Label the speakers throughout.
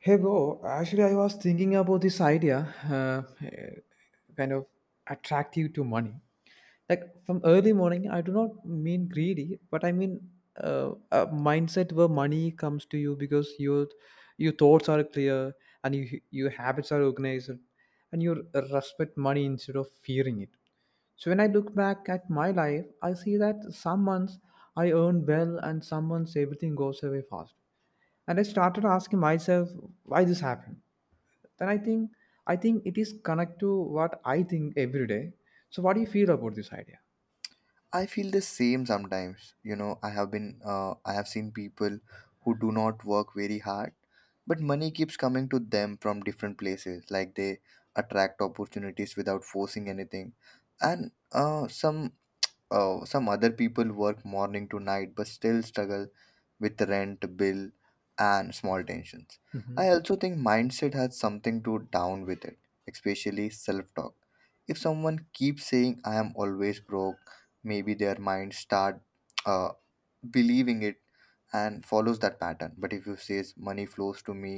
Speaker 1: Hey bro, actually I was thinking about this idea, uh, kind of attractive to money. Like from early morning, I do not mean greedy, but I mean a mindset where money comes to you because your thoughts are clear and your habits are organized, and you respect money instead of fearing it. So when I look back at my life, I see that some months I earn well and some months everything goes away fast. And I started asking myself why this happened. Then I think it is connect to what I think every day. So what do you feel about this idea?
Speaker 2: I feel the same sometimes. You know, I have seen people who do not work very hard, but money keeps coming to them from different places. Like they attract opportunities without forcing anything, and some some other people work morning to night but still struggle with rent bill and small tensions.
Speaker 1: Mm-hmm.
Speaker 2: I also think mindset has something to down with it, especially self-talk. If someone keeps saying I am always broke, maybe their mind start uh, believing it and follows that pattern. But if you says money flows to me,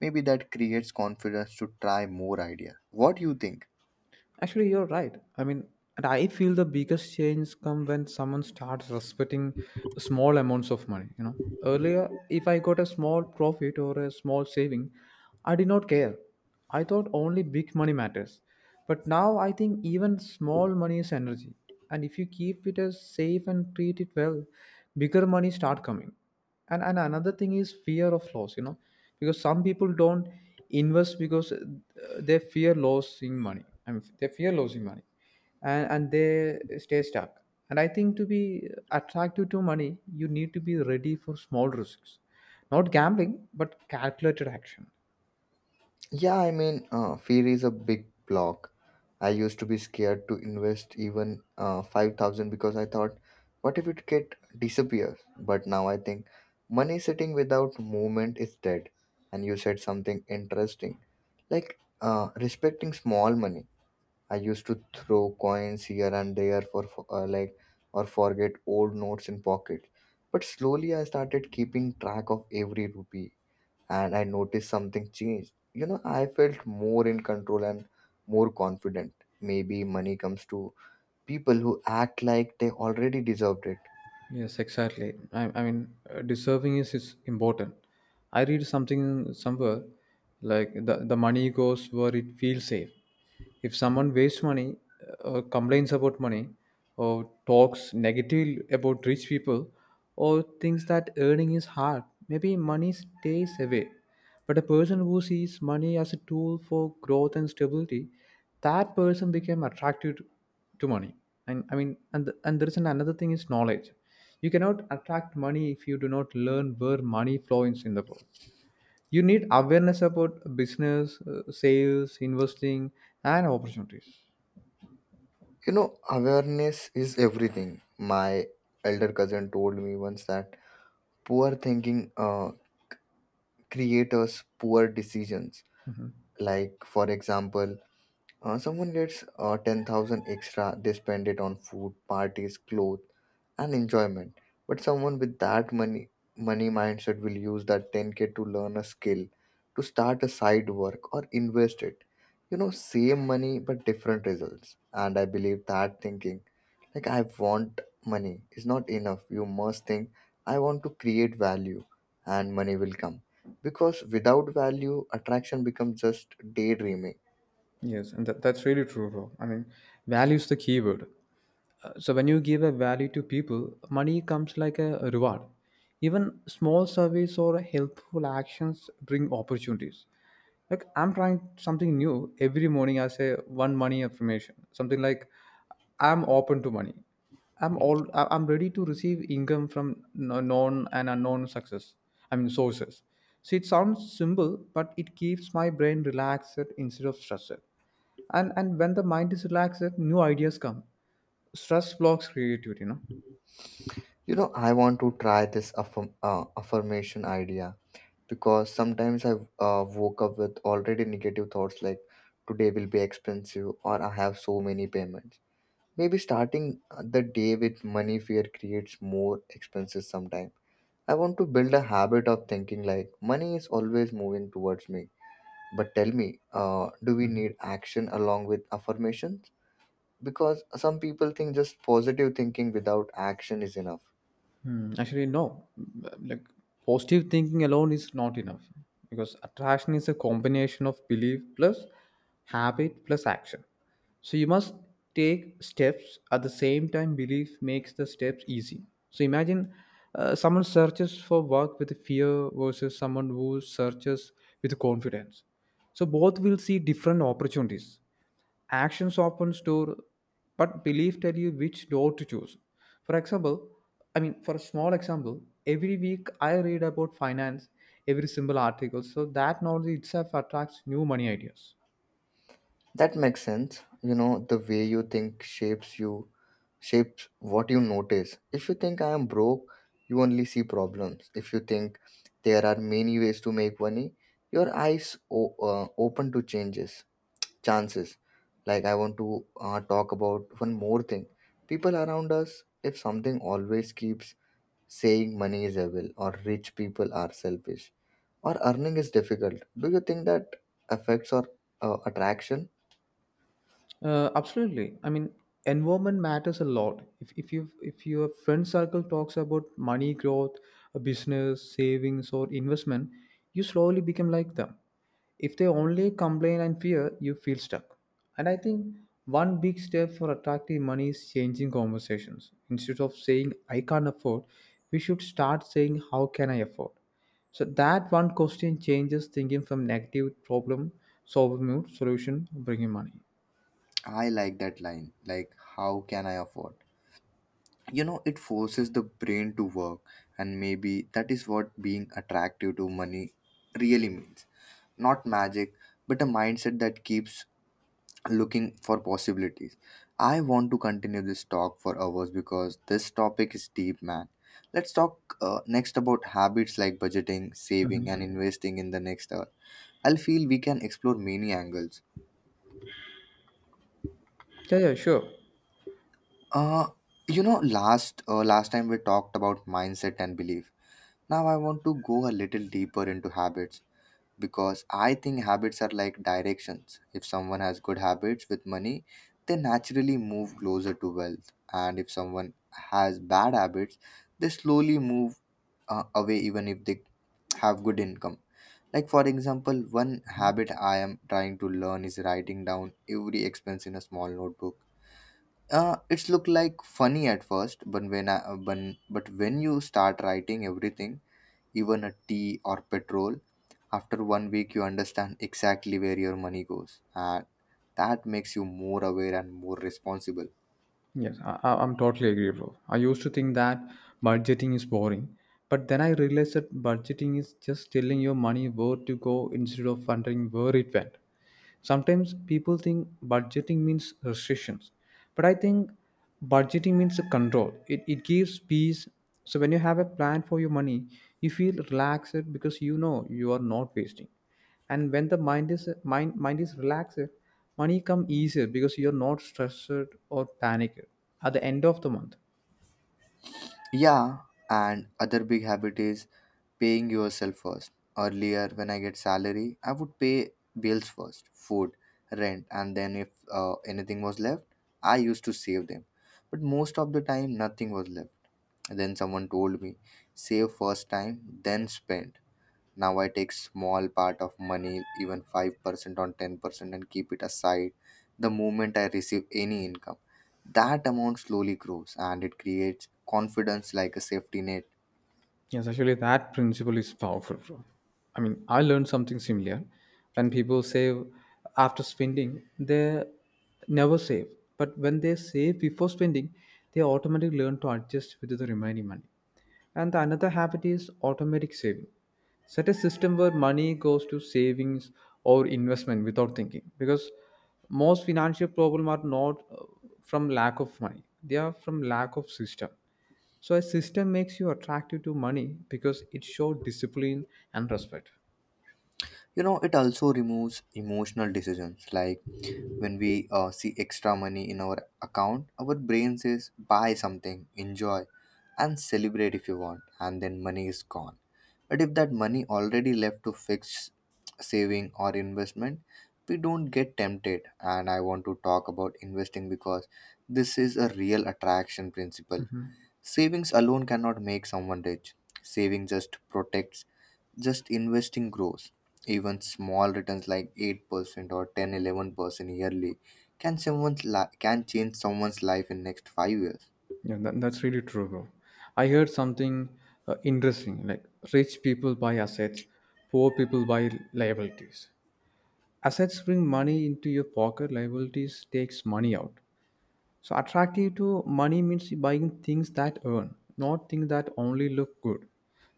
Speaker 2: maybe that creates confidence to try more ideas. What do you think?
Speaker 1: Actually, you're right. I mean, and I feel the biggest change come when someone starts respecting small amounts of money. Earlier, if I got a small profit or a small saving, I did not care. I thought only big money matters. But now I think even small money is energy. And if you keep it as safe and treat it well, bigger money start coming. And another thing is fear of loss, because some people don't invest because they fear losing money. I mean, they fear losing money. And they stay stuck. And I think to be attractive to money you need to be ready for small risks, not gambling but calculated action.
Speaker 2: Yeah, I mean, fear is a big block. I used to be scared to invest even 5,000 because I thought, what if it get disappears? But now I think money sitting without movement is dead. And you said something interesting like respecting small money. I used to throw coins here and there, like, or forget old notes in pockets. But slowly I started keeping track of every rupee, and I noticed something changed. You know, I felt more in control and more confident. Maybe money comes to people who act like they already deserved it.
Speaker 1: Yes, exactly. I mean, deserving is important. I read something somewhere like the money goes where it feels safe. If someone wastes money, or complains about money, or talks negatively about rich people, or thinks that earning is hard, maybe money stays away. But a person who sees money as a tool for growth and stability, that person became attracted to money. And I mean, and there is another thing is knowledge. You cannot attract money if you do not learn where money flows in the world. You need awareness about business, sales, investing, and opportunities.
Speaker 2: You know, awareness is everything. My elder cousin told me once that poor thinking creates poor decisions. Like, for example, someone gets 10,000 extra, they spend it on food, parties, clothes and enjoyment. But someone with that money mindset will use that 10K to learn a skill, to start a side work or invest it. You know, same money but different results. And I believe that thinking, like I want money, is not enough. You must think, I want to create value, and money will come. Because without value, attraction becomes just daydreaming.
Speaker 1: Yes, and that's really true, bro. I mean, value is the keyword. So when you give a value to people, money comes like a reward. Even small service or helpful actions bring opportunities. Like I'm trying something new every morning. I say one money affirmation, something like I'm open to money. I'm ready to receive income from known and unknown success. I mean, sources. So it sounds simple, but it keeps my brain relaxed instead of stressed. And when the mind is relaxed new ideas come. Stress blocks creativity.
Speaker 2: You know, I want to try this affirmation idea because sometimes I woke up with already negative thoughts like today will be expensive or I have so many payments. Maybe starting the day with money fear creates more expenses sometime. I want to build a habit of thinking like money is always moving towards me. But tell me, do we need action along with affirmations? Because some people think just positive thinking without action is enough.
Speaker 1: Hmm, actually no, like positive thinking alone is not enough, because attraction is a combination of belief plus habit plus action. So you must take steps. At the same time belief makes the steps easy. So imagine someone searches for work with fear versus someone who searches with confidence. So both will see different opportunities. Actions often store, but belief tell you which door to choose. For example, I mean, for a small example, every week I read about finance, every single article, so that knowledge itself attracts new money ideas.
Speaker 2: That makes sense. You know, the way you think shapes you, shapes what you notice. If you think I am broke, you only see problems. If you think there are many ways to make money, your eyes open to changes, chances. Like I want to talk about one more thing. People around us, if something always keeps saying money is evil or rich people are selfish or earning is difficult, do you think that affects our attraction?
Speaker 1: Absolutely. I mean, environment matters a lot. If your friend circle talks about money growth, a business, savings, or investment, you slowly become like them. If they only complain and fear, you feel stuck. And I think one big step for attracting money is changing conversations. Instead of saying "I can't afford," we should start saying "How can I afford?" So that one question changes thinking from negative problem solving mode solution bringing money.
Speaker 2: I like that line, like, how can I afford? You know, it forces the brain to work, and maybe that is what being attractive to money really means. Not magic, but a mindset that keeps looking for possibilities. I want to continue this talk for hours because this topic is deep, man. Let's talk next about habits like budgeting, saving, and
Speaker 1: Mm-hmm.
Speaker 2: investing in the next hour. I'll feel we can explore many angles.
Speaker 1: Yeah, yeah, sure.
Speaker 2: Uh, you know, last time we talked about mindset and belief. Now I want to go a little deeper into habits because I think habits are like directions. If someone has good habits with money, they naturally move closer to wealth, and if someone has bad habits, they slowly move away even if they have good income. Like for example, one habit I am trying to learn is writing down every expense in a small notebook. It's look like funny at first, but when you start writing everything, even a tea or petrol, after one week you understand exactly where your money goes, and that makes you more aware and more responsible.
Speaker 1: Yes, I'm totally agree, bro. I used to think that budgeting is boring, but then I realized that budgeting is just telling your money where to go instead of wondering where it went. Sometimes people think budgeting means restrictions, but I think budgeting means a control. It gives peace. So when you have a plan for your money, you feel relaxed because you know you are not wasting. And when the mind is relaxed money come easier because you're not stressed or panicked at the end of the month.
Speaker 2: Yeah, and other big habit is paying yourself first. Earlier, when I get salary, I would pay bills first, food, rent, and then if anything was left, I used to save them. But most of the time, nothing was left. Then someone told me, save first time, then spend. Now I take small part of money, even 5% on 10%, and keep it aside the moment I receive any income. That amount slowly grows and it creates confidence like a safety net.
Speaker 1: Yes, actually, that principle is powerful, bro. I mean, I learned something similar. When people save after spending, they never save. But when they save before spending, they automatically learn to adjust with the remaining money. And the another habit is automatic saving. Set a system where money goes to savings or investment without thinking, because most financial problems are not from lack of money; they are from lack of system. So a system makes you attractive to money because it shows discipline and respect.
Speaker 2: You know, it also removes emotional decisions. Like when we see extra money in our account, our brain says buy something, enjoy and celebrate if you want, and then money is gone. But if that money already left to fix saving or investment, we don't get tempted. And I want to talk about investing because this is a real attraction principle. Savings alone cannot make someone rich. Saving just protects, just investing grows. Even small returns like 8% or ten, 11% yearly can can change someone's life in next 5 years.
Speaker 1: Yeah, that's really true, bro. I heard something interesting, like rich people buy assets, poor people buy liabilities. Assets bring money into your pocket, liabilities takes money out. So attractive to money means buying things that earn, not things that only look good.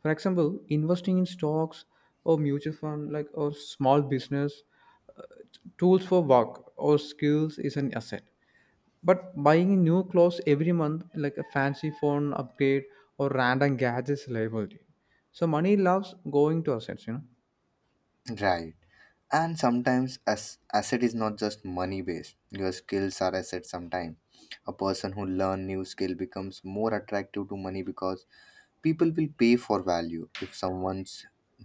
Speaker 1: For example, investing in stocks or mutual fund, like or small business, uh, tools for work or skills is an asset. But buying new clothes every month, like a fancy phone upgrade or random gadgets, liability. So money loves going to assets.
Speaker 2: Right. And sometimes as asset is not just money based. Your skills are assets sometimes. A person who learn new skill becomes more attractive to money because people will pay for value. If someone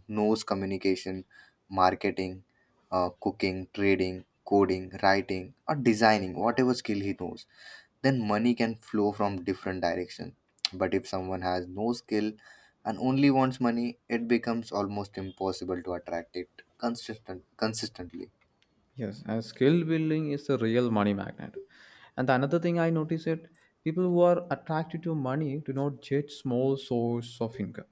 Speaker 2: knows communication, marketing, cooking, trading, coding, writing or designing, whatever skill he knows, then money can flow from different directions. But if someone has no skill and only wants money, it becomes almost impossible to attract it consistently.
Speaker 1: Yes, and skill building is a real money magnet. And the another thing I notice it, people who are attracted to money do not judge small source of income.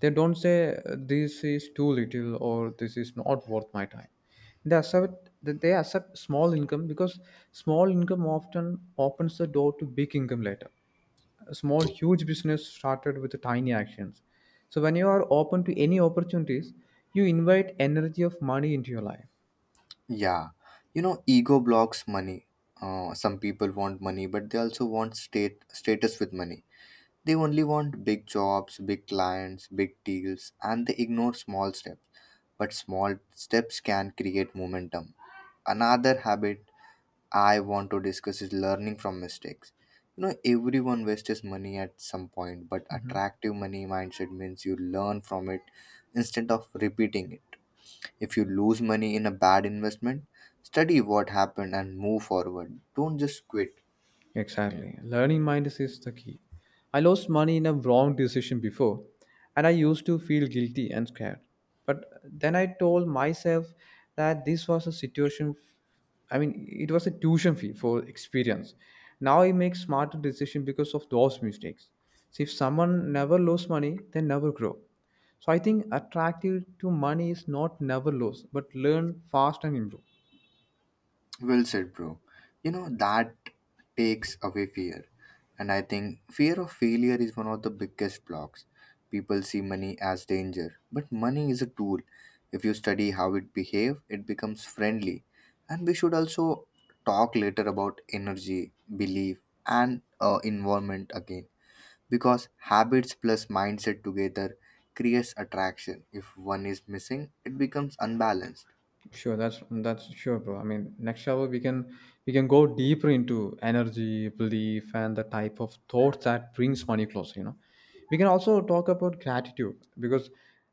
Speaker 1: They don't say this is too little or this is not worth my time. They accept small income because small income often opens the door to big income later. A small huge business started with tiny actions. So when you are open to any opportunities, you invite energy of money into your life.
Speaker 2: Yeah, you know, ego blocks money. Some people want money, but they also want state status with money. They only want big jobs, big clients, big deals, and they ignore small steps. But small steps can create momentum. Another habit I want to discuss is learning from mistakes. You know, everyone wastes money at some point, but attractive money mindset means you learn from it instead of repeating it. If you lose money in a bad investment, study what happened and move forward. Don't just quit.
Speaker 1: Exactly. Learning mindset is the key. I lost money in a wrong decision before, and I used to feel guilty and scared. But then I told myself that this was a situation, I mean, it was a tuition fee for experience. Now I make smarter decisions because of those mistakes. So if someone never lose money, they never grow. So I think attractive to money is not never lose, but learn fast and improve.
Speaker 2: Well said, bro. You know, that takes away fear. And I think fear of failure is one of the biggest blocks. People see money as danger, but money is a tool. If you study how it behaves, it becomes friendly. And we should also talk later about energy, belief, and environment again. Because habits plus mindset together creates attraction. If one is missing, it becomes unbalanced.
Speaker 1: Sure, that's sure, bro. I mean, next hour we can go deeper into energy, belief, and the type of thought that brings money closer. We can also talk about gratitude because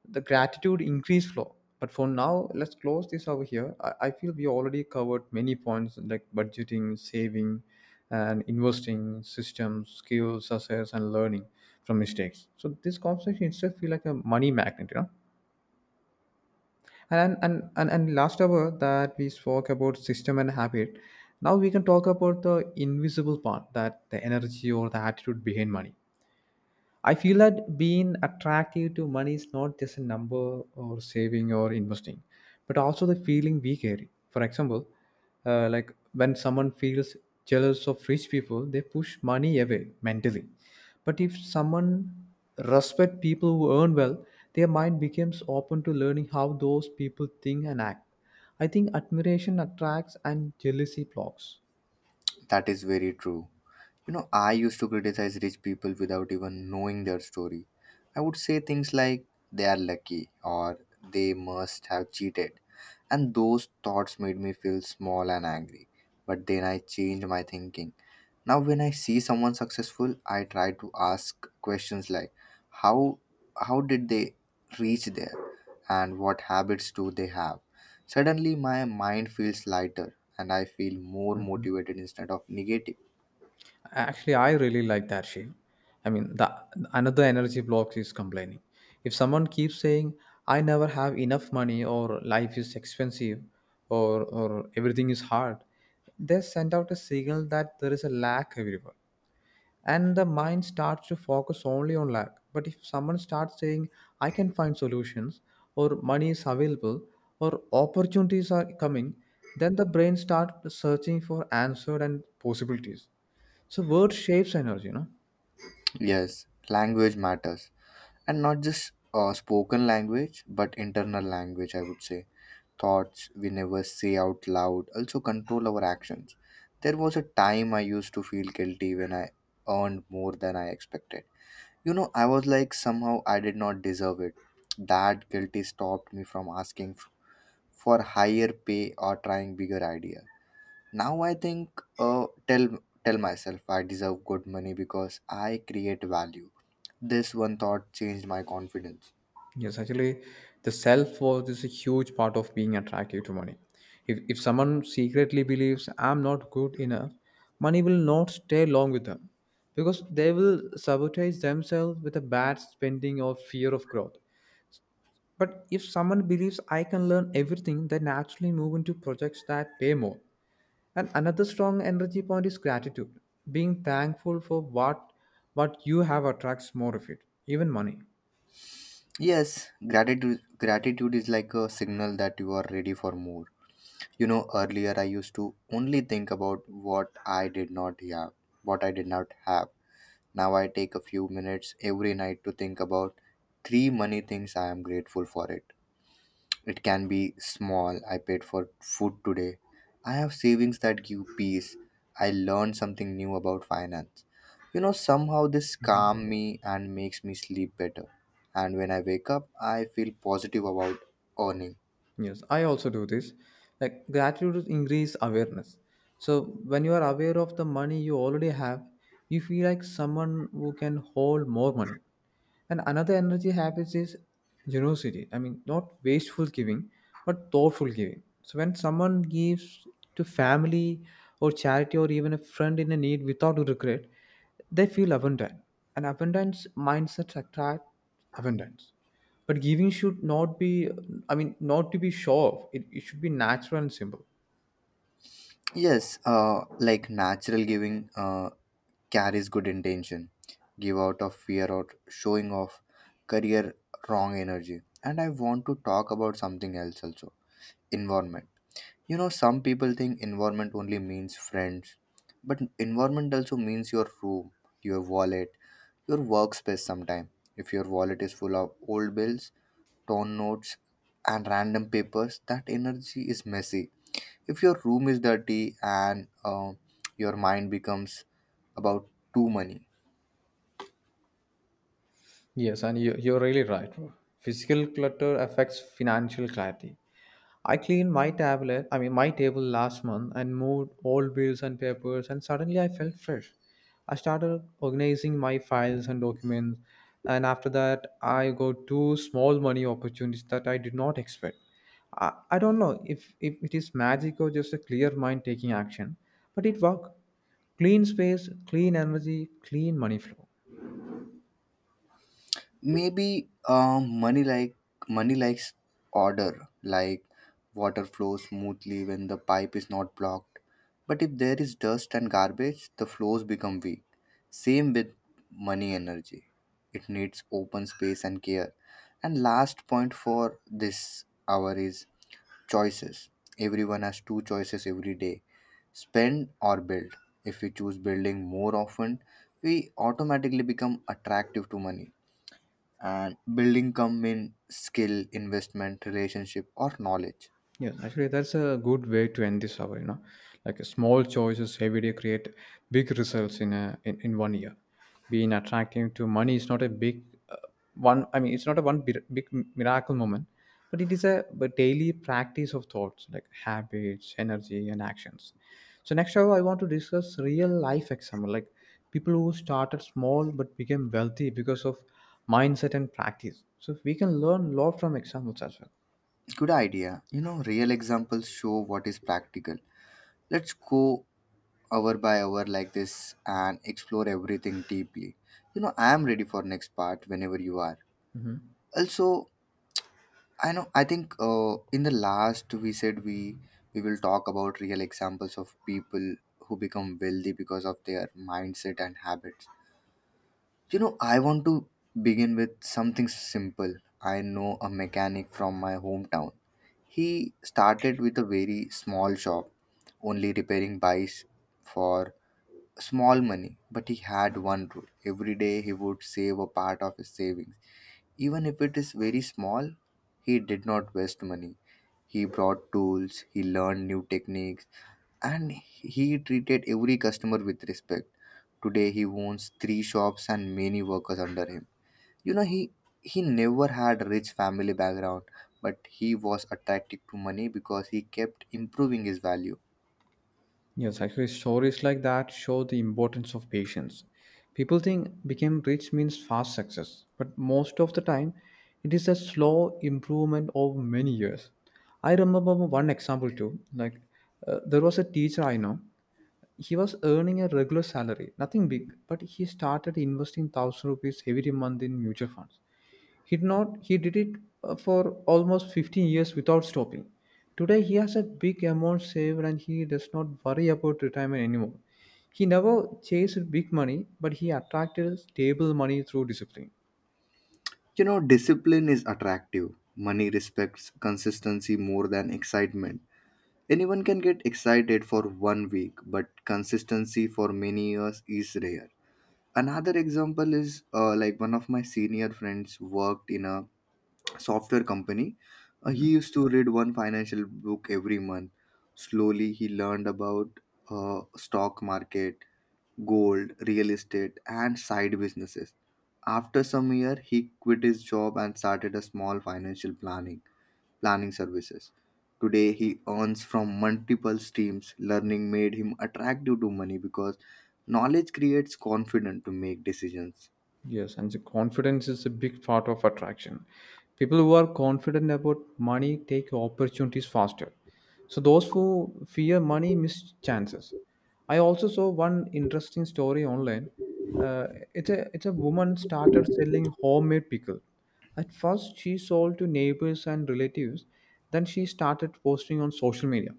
Speaker 1: the gratitude increase flow. But for now, let's close this over here. I feel we already covered many points like budgeting, saving, and investing, systems, skills, assets, and learning from mistakes. So this conversation itself feel like a money magnet. And last hour that we spoke about system and habit, now we can talk about the invisible part that the energy or the attitude behind money. I feel that being attractive to money is not just a number or saving or investing, but also the feeling we carry. For example, like when someone feels jealous of rich people, they push money away mentally. But if someone respect people who earn well, their mind becomes open to learning how those people think and act. I think admiration attracts and jealousy blocks.
Speaker 2: That is very true. You know, I used to criticize rich people without even knowing their story. I would say things like, they are lucky or they must have cheated. And those thoughts made me feel small and angry. But then I changed my thinking. Now, when I see someone successful, I try to ask questions like, how, how did they reach there? And what habits do they have? Suddenly, my mind feels lighter and I feel more motivated instead of negative.
Speaker 1: Actually, I really like that shift. I mean, the another energy block is complaining. If someone keeps saying, "I never have enough money," or "Life is expensive," or "Everything is hard," they send out a signal that there is a lack everywhere. And the mind starts to focus only on lack. But if someone starts saying "I can find solutions" or "money is available" or "opportunities are coming," then the brain starts searching for answer and possibilities. So word shapes energy.
Speaker 2: Yes, language matters. And not just spoken language, but internal language, I would say. Thoughts we never say out loud also control our actions. There was a time I used to feel guilty when I earned more than I expected. You know, I was like, somehow I did not deserve it. That guilty stopped me from asking for higher pay or trying bigger ideas. Now I think, tell myself I deserve good money because I create value. This one thought changed my confidence.
Speaker 1: Yes, actually, the self worth is a huge part of being attractive to money. If someone secretly believes I'm not good enough, money will not stay long with them because they will sabotage themselves with a bad spending or fear of growth. But if someone believes I can learn everything, they naturally move into projects that pay more. And another strong energy point is gratitude. Being thankful for what you have attracts more of it, even money.
Speaker 2: Yes, gratitude is like a signal that you are ready for more. You know, earlier I used to only think about what I did not have, what I did not have. Now I take a few minutes every night to think about 3 money things I am grateful for it. It can be small, I paid for food today. I have savings that give peace. I learned something new about finance. You know, somehow this
Speaker 1: Mhm.
Speaker 2: calms me and makes me sleep better. And when I wake up, I feel positive about earning.
Speaker 1: Yes, I also do this. Like gratitude increase awareness. So when you are aware of the money you already have, you feel like someone who can hold more money. And another energy habit is generosity. I mean, not wasteful giving, but thoughtful giving. So when someone gives to family or charity or even a friend in a need without regret, they feel abundant. And abundance mindsets attract abundance, but giving should not be, I mean, not to be show off. It should be natural and simple.
Speaker 2: Yes, like natural giving carries good intention. Give out of fear or showing off, career wrong energy. And I want to talk about something else also, environment. You know, some people think environment only means friends, but environment also means your room, your wallet, your workspace sometime. If your wallet is full of old bills, torn notes, and random papers, that energy is messy. If your room is dirty and your mind becomes about too money,
Speaker 1: Yes, and you're really right, bro. Physical clutter affects financial clarity. I cleaned my tablet, I mean my table last month, and moved all bills and papers, and suddenly I felt fresh. I started organizing my files and documents and after that I got two small money opportunities that I did not expect. I don't know if it is magic or just a clear mind taking action, but it worked. Clean space, clean energy, clean money flow.
Speaker 2: maybe money like money likes order, like water flows smoothly when the pipe is not blocked, but if there is dust and garbage the flows become weak. Same with money energy, it needs open space and care. And last point for this hour is choices. Everyone has two choices every day, spend or build. If we choose building more often, we automatically become attractive to money, and building come in skill, investment, relationship or knowledge.
Speaker 1: Yes, actually, that's a good way to end this hour. Like small choices every day create big results in in one year. Being attractive to money is not a big uh, one. I mean, it's not a one big miracle moment, but it is a daily practice of thoughts like habits, energy, and actions. So next hour, I want to discuss real life example, like people who started small but became wealthy because of mindset and practice. So we can learn a lot from examples as well.
Speaker 2: Good idea, you know, real examples show what is practical. Let's go hour by hour like this and explore everything deeply. You know, I am ready for next part whenever you are.
Speaker 1: Mhm.
Speaker 2: Also, I know I think in the last we said we will talk about real examples of people who become wealthy because of their mindset and habits. You know, I want to begin with something simple. I know a mechanic from my hometown. He started with a very small shop, only repairing bikes for small money, but he had one rule. Every day he would save a part of his savings. Even if it is very small, he did not waste money. He brought tools, he learned new techniques, and he treated every customer with respect. Today he owns three shops and many workers under him. You know, he never had a rich family background, but he was attracted to money because he kept improving his value.
Speaker 1: Yes, actually, stories like that show the importance of patience. People think became rich means fast success, but most of the time, it is a slow improvement over many years. I remember one example too. Like, there was a teacher I know. He was earning a regular salary, nothing big, but he started investing thousand rupees every month in mutual funds. He did not he did it for almost 15 years without stopping. Today he has a big amount saved and he does not worry about retirement anymore. He never chased big money, but he attracted stable money through discipline.
Speaker 2: You know, discipline is attractive. Money respects consistency more than excitement. Anyone can get excited for one week, but consistency for many years is rare. Another example is, like, one of my senior friends worked in a software company. He
Speaker 1: Mhm.
Speaker 2: used to read one financial book every month. Slowly, he learned about stock market, gold, real estate, and side businesses. After some year, he quit his job and started a small financial planning services. Today, he earns from multiple streams. Learning made him attractive to money because knowledge creates confidence to make decisions.
Speaker 1: Yes, and the confidence is a big part of attraction. People who are confident about money take opportunities faster. So those who fear money miss chances. I also saw one interesting story online. Uh, it's a woman started selling homemade pickle. At first, she sold to neighbors and relatives. Then she started posting on social media.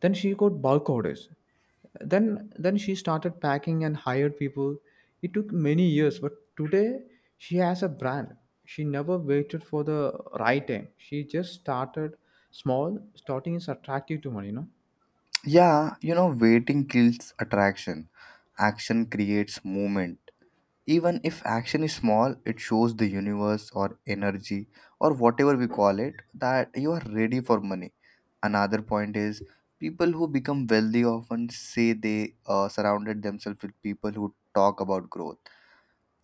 Speaker 1: Then she got bulk orders. Then she started packing and hired people. It took many years, but today she has a brand. She never waited for the right time. She just started small. Starting is attractive to money, you know.
Speaker 2: Yeah, you know, waiting kills attraction. Action creates movement. Even if action is small, it shows the universe or energy or whatever we call it that you are ready for money. Another point is, people who become wealthy often say they surrounded themselves with people who talk about growth.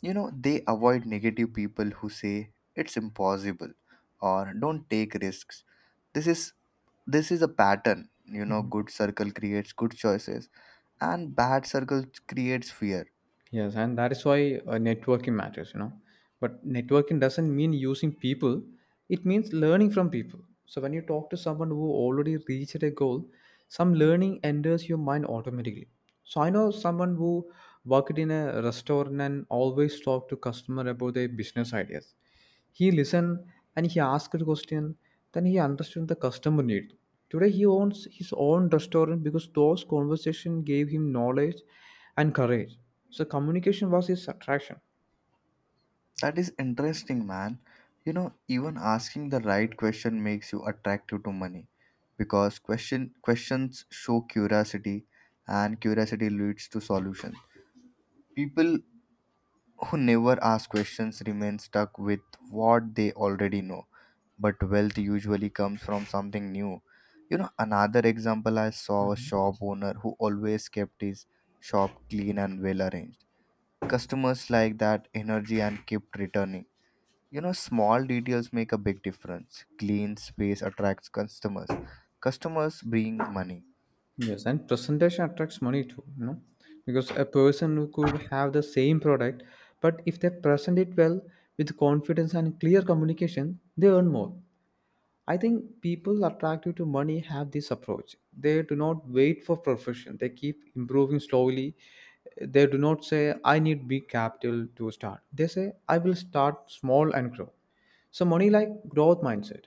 Speaker 2: You know, they avoid negative people who say it's impossible or don't take risks. This is this is a pattern. You know,
Speaker 1: Mhm.
Speaker 2: good circle creates good choices, and bad circle creates fear.
Speaker 1: Yes, and that is why networking matters, you know. But networking doesn't mean using people, it means learning from people. So when you talk to someone who already reached a goal, some learning enters your mind automatically. So I know someone who worked in a restaurant and always talked to customer about their business ideas. He listened and he asked the question. Then he understood the customer need. Today he owns his own restaurant because those conversations gave him knowledge and courage. So communication was his attraction.
Speaker 2: That is interesting, man. You know, even asking the right question makes you attractive to money because questions show curiosity, and curiosity leads to solution. People who never ask questions remain stuck with what they already know, but wealth usually comes from something new. You know, another example, I saw a
Speaker 1: Mhm.
Speaker 2: shop owner who always kept his shop clean and well arranged. Customers like that energy and kept returning. You know, small details make a big difference. Clean space attracts customers. Customers bring money.
Speaker 1: Yes, and presentation attracts money too, you know, because a person who could have the same product, but if they present it well with confidence and clear communication, they earn more. I think people attracted to money have this approach. They do not wait for perfection. They keep improving slowly. They do not say, I need big capital to start. They say, I will start small and grow. So, money like growth mindset.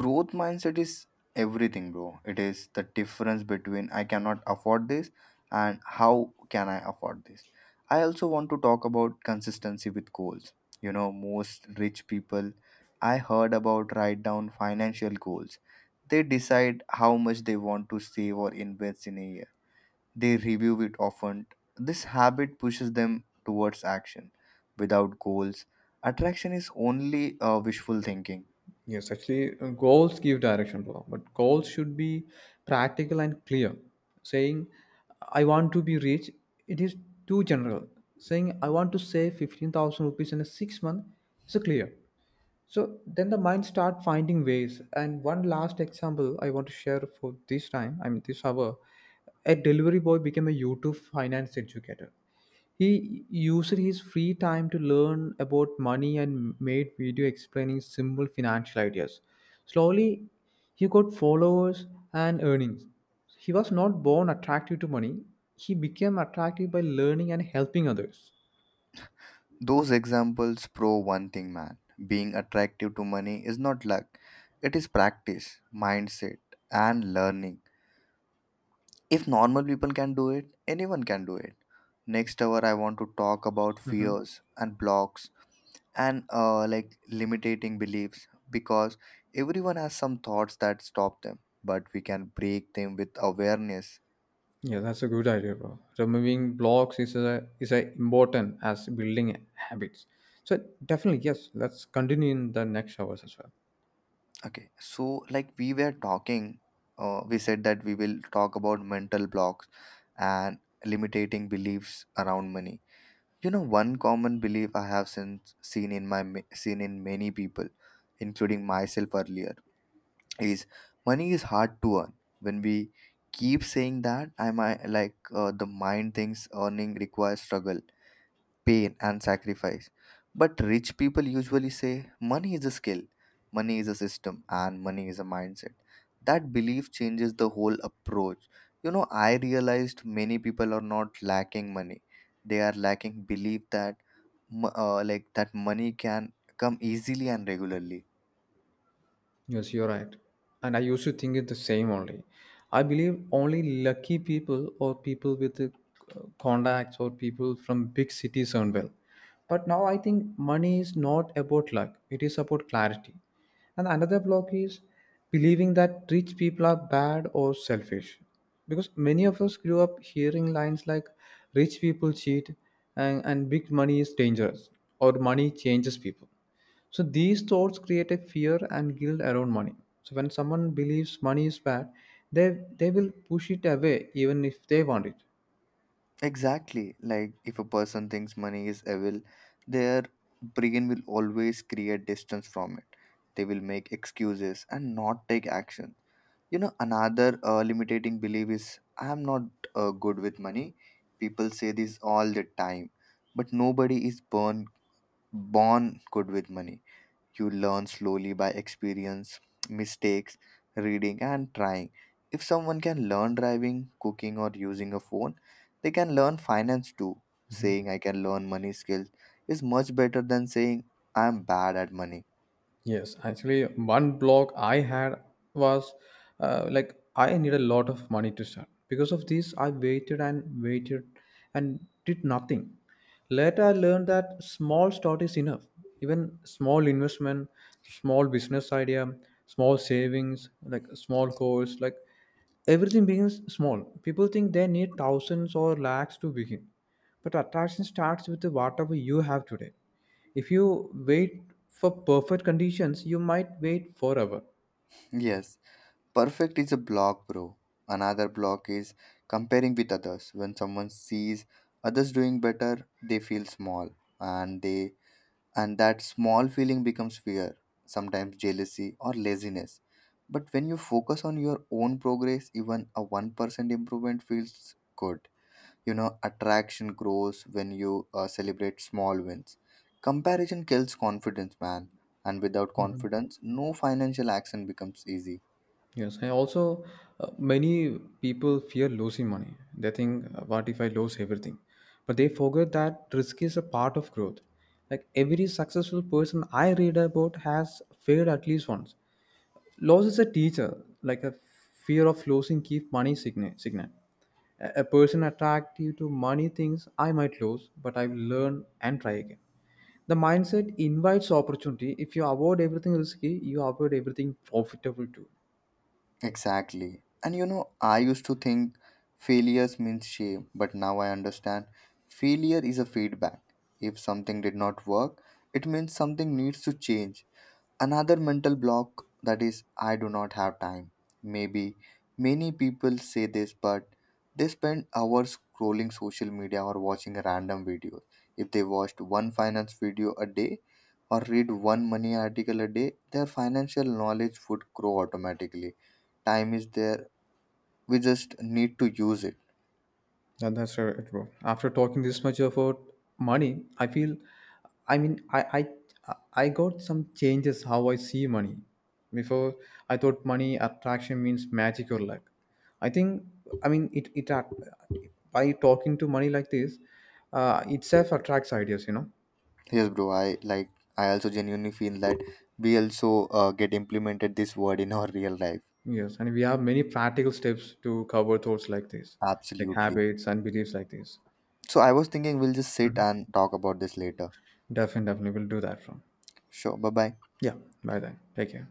Speaker 2: Growth mindset is everything, bro. It is the difference between I cannot afford this and how can I afford this. I also want to talk about consistency with goals. You know, most rich people I heard about write down financial goals. They decide how much they want to save or invest in a year. They review it often. This habit pushes them towards action. Without goals, attraction is only wishful thinking.
Speaker 1: Yes, actually, goals give direction to all, but goals should be practical and clear. Saying, I want to be rich, it is too general. Saying, I want to save 15,000 rupees in a 6 month is a clear. So then the mind start finding ways. And one last example I want to share for this time, I mean, this hour, a delivery boy became a YouTube finance educator. He used his free time to learn about money and made video explaining simple financial ideas. Slowly, he got followers and earnings. He was not born attractive to money. He became attractive by learning and helping others.
Speaker 2: Those examples prove one thing, man. Being attractive to money is not luck, it is practice, mindset, and learning. If normal people can do it, anyone can do it. Next hour, I want to talk about
Speaker 1: Hmm.
Speaker 2: fears and blocks and like limiting beliefs, because everyone has some thoughts that stop them, but we can break them with awareness.
Speaker 1: Yeah, that's a good idea, bro. Removing blocks is is a important as building habits. So definitely, yes, let's continue in the next hours as well.
Speaker 2: Okay, so like we were talking, we said that we will talk about mental blocks and limiting beliefs around money. You know, one common belief I have since seen in seen in many people, including myself earlier, is money is hard to earn. When we keep saying that, I might like the mind thinks earning requires struggle, pain and sacrifice. But rich people usually say money is a skill, money is a system, and money is a mindset. That belief changes the whole approach. You know, I realized many people are not lacking money, they are lacking belief that like that money can come easily and regularly.
Speaker 1: Yes, you're right. And I used to think it the same only. I believe only lucky people or people with contacts or people from big cities earn well. But now I think money is not about luck, it is about clarity. And another block is believing that rich people are bad or selfish. Because many of us grew up hearing lines like rich people cheat and big money is dangerous or money changes people, so these thoughts create a fear and guilt around money. So when someone believes money is bad, they will push it away even if they want it.
Speaker 2: Exactly. Like, if a person thinks money is evil, their brain will always create distance from it. They will make excuses and not take action. You know, another limiting belief is I am not good with money. People say this all the time, but nobody is born good with money. You learn slowly by experience, mistakes, reading, and trying. If someone can learn driving, cooking, or using a phone, they can learn finance too. Saying I can learn money skills is much better than saying I am bad at money.
Speaker 1: Yes, actually, one block I had was like I need a lot of money to start. Because of this, I waited and waited and did nothing. Later, I learned that small start is enough. Even small investment, small business idea, small savings, like a small course, like everything begins small. People think they need thousands or lakhs to begin. But attraction starts with whatever you have today. If you wait for perfect conditions, you might wait forever.
Speaker 2: Yes. Perfect is a block, bro. Another block is comparing with others. When someone sees others doing better, they feel small, and they and that small feeling becomes fear, sometimes jealousy or laziness. But when you focus on your own progress, even a 1% improvement feels good. You know, attraction grows when you celebrate small wins. Comparison kills confidence, man. And without confidence, no financial action becomes easy.
Speaker 1: Yes, and also, many people fear losing money. They think, what if I lose everything? But they forget that risk is a part of growth. Like every successful person I read about has failed at least once. Loss is a teacher, like a fear of losing keep money signal. Signal. A person attracted to money thinks I might lose, but I will learn and try again. The mindset invites opportunity. If you avoid everything risky, you avoid everything profitable too.
Speaker 2: Exactly. And you know, I used to think failures means shame, but now I understand failure is a feedback. If something did not work, it means something needs to change. Another mental block that is, I do not have time. Maybe many people say this, but they spend hours scrolling social media or watching random videos. If they watched one finance video a day or read one money article a day, their financial knowledge would grow automatically. Time is there, we just need to use it.
Speaker 1: Yeah, that's right, bro. After talking this much about money, I feel, I mean, I got some changes how I see money. Before I thought money attraction means magic or luck. I think I mean, by talking to money like this, itself attracts ideas. You know,
Speaker 2: Yes, bro, I like, I also genuinely feel that we also get implemented this word in our real life.
Speaker 1: yes, and we have many practical steps to cover thoughts like this, like
Speaker 2: Absolutely.
Speaker 1: habits and beliefs like this.
Speaker 2: So I was thinking we'll just sit
Speaker 1: Mhm.
Speaker 2: and talk about this later.
Speaker 1: Definitely, definitely, we'll do that from.
Speaker 2: Sure. Bye bye.
Speaker 1: Yeah, by then, take care.